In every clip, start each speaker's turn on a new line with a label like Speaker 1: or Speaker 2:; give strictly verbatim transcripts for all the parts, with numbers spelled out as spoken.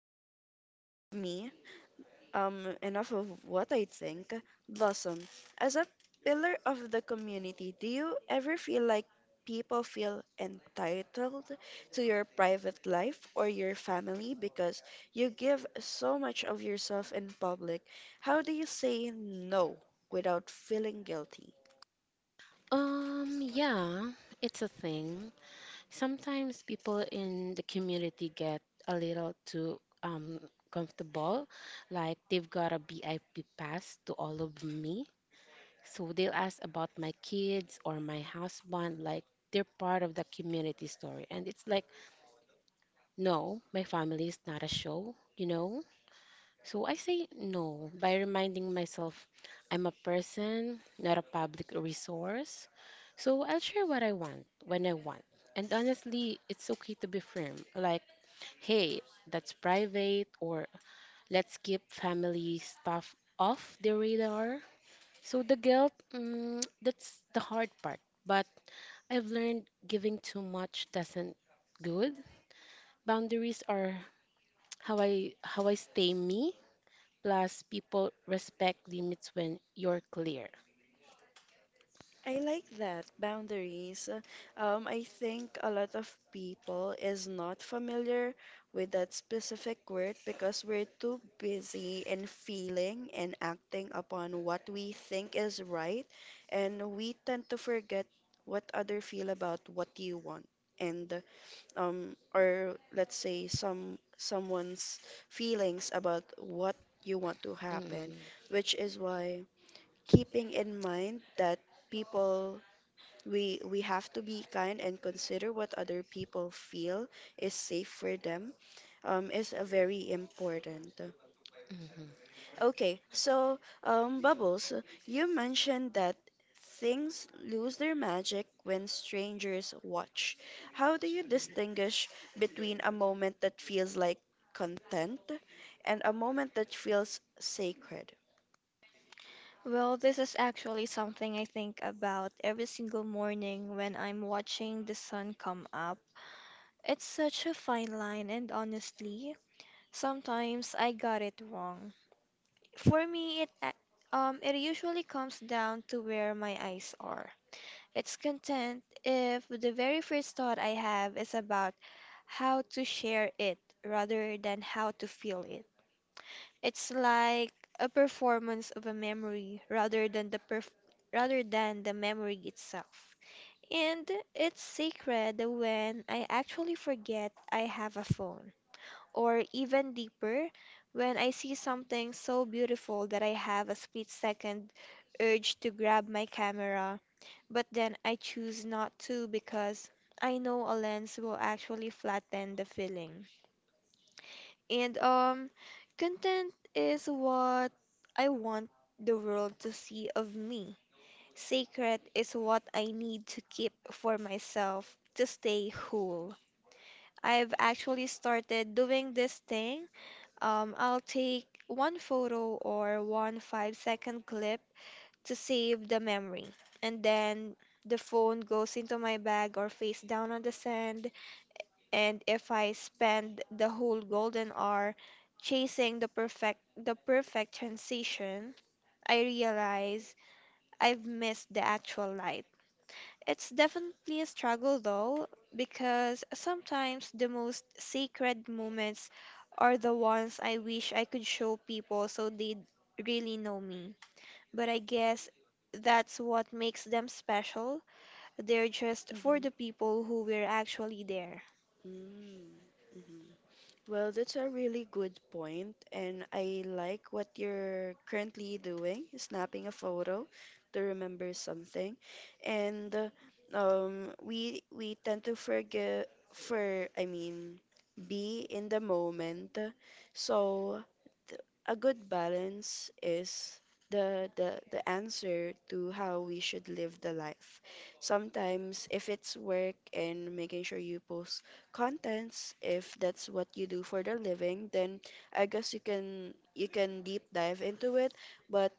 Speaker 1: so enough of me, um, enough of what I think. Blossom, as a pillar of the community, do you ever feel like people feel entitled to your private life or your family because you give so much of yourself in public? How do you say no without feeling guilty?
Speaker 2: Um, yeah, it's a thing. Sometimes people in the community get a little too um comfortable, like they've got a V I P pass to all of me. So they'll ask about my kids or my husband, like they're part of the community story. And it's like, no, my family is not a show, you know? So I say no by reminding myself I'm a person, not a public resource. So I'll share what I want when I want. And honestly, it's okay to be firm. Like, hey, that's private, or let's keep family stuff off the radar. So the guilt, mm, that's the hard part. But I've learned giving too much doesn't good. Boundaries are how I how I stay me. Plus, people respect limits when you're clear.
Speaker 1: I like that, boundaries. Um, I think a lot of people is not familiar with that specific word because we're too busy in feeling and acting upon what we think is right, and we tend to forget what other feel about what you want and um or let's say some someone's feelings about what you want to happen,
Speaker 2: Mm-hmm.
Speaker 1: which is why keeping in mind that people, we we have to be kind and consider what other people feel is safe for them, um, is uh, very important.
Speaker 2: Mm-hmm.
Speaker 1: Okay, so um, Bubbles, you mentioned that things lose their magic when strangers watch. How do you distinguish between a moment that feels like content and a moment that feels sacred?
Speaker 3: Well, this is actually something I think about every single morning when I'm watching the sun come up. It's such a fine line, and honestly, sometimes I got it wrong. For me, it a- um it usually comes down to where my eyes are. It's content if the very first thought I have is about how to share it rather than how to feel it. It's like a performance of a memory rather than the perf- rather than the memory itself. And it's sacred when I actually forget I have a phone. Or even deeper, when I see something so beautiful that I have a split second urge to grab my camera, but then I choose not to because I know a lens will actually flatten the feeling. And um, Content is what I want the world to see of me. Sacred is what I need to keep for myself to stay whole. I've actually started doing this thing. Um, I'll take one photo or one five second clip to save the memory. And then the phone goes into my bag or face down on the sand. And if I spend the whole golden hour chasing the perfect the perfect transition, I realize I've missed the actual light. It's definitely a struggle though, because sometimes the most sacred moments are the ones I wish I could show people so they'd really know me. But I guess that's what makes them special. They're just for the people who were actually there.
Speaker 1: Mhm. Well, that's a really good point, and I like what you're currently doing, snapping a photo to remember something. And uh, um, we we tend to forget for, I mean, be in the moment. So th- a good balance is the the the answer to how we should live the life. Sometimes, if it's work and making sure you post contents, if that's what you do for the living, then I guess you can you can deep dive into it. But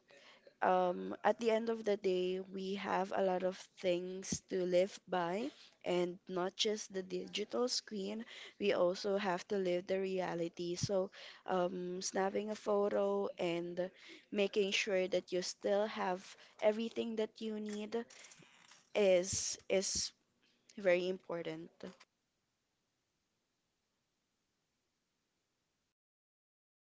Speaker 1: um, at the end of the day, we have a lot of things to live by, and not just the digital screen. We also have to live the reality. So, um, snapping a photo and making sure that you still have everything that you need is is very important.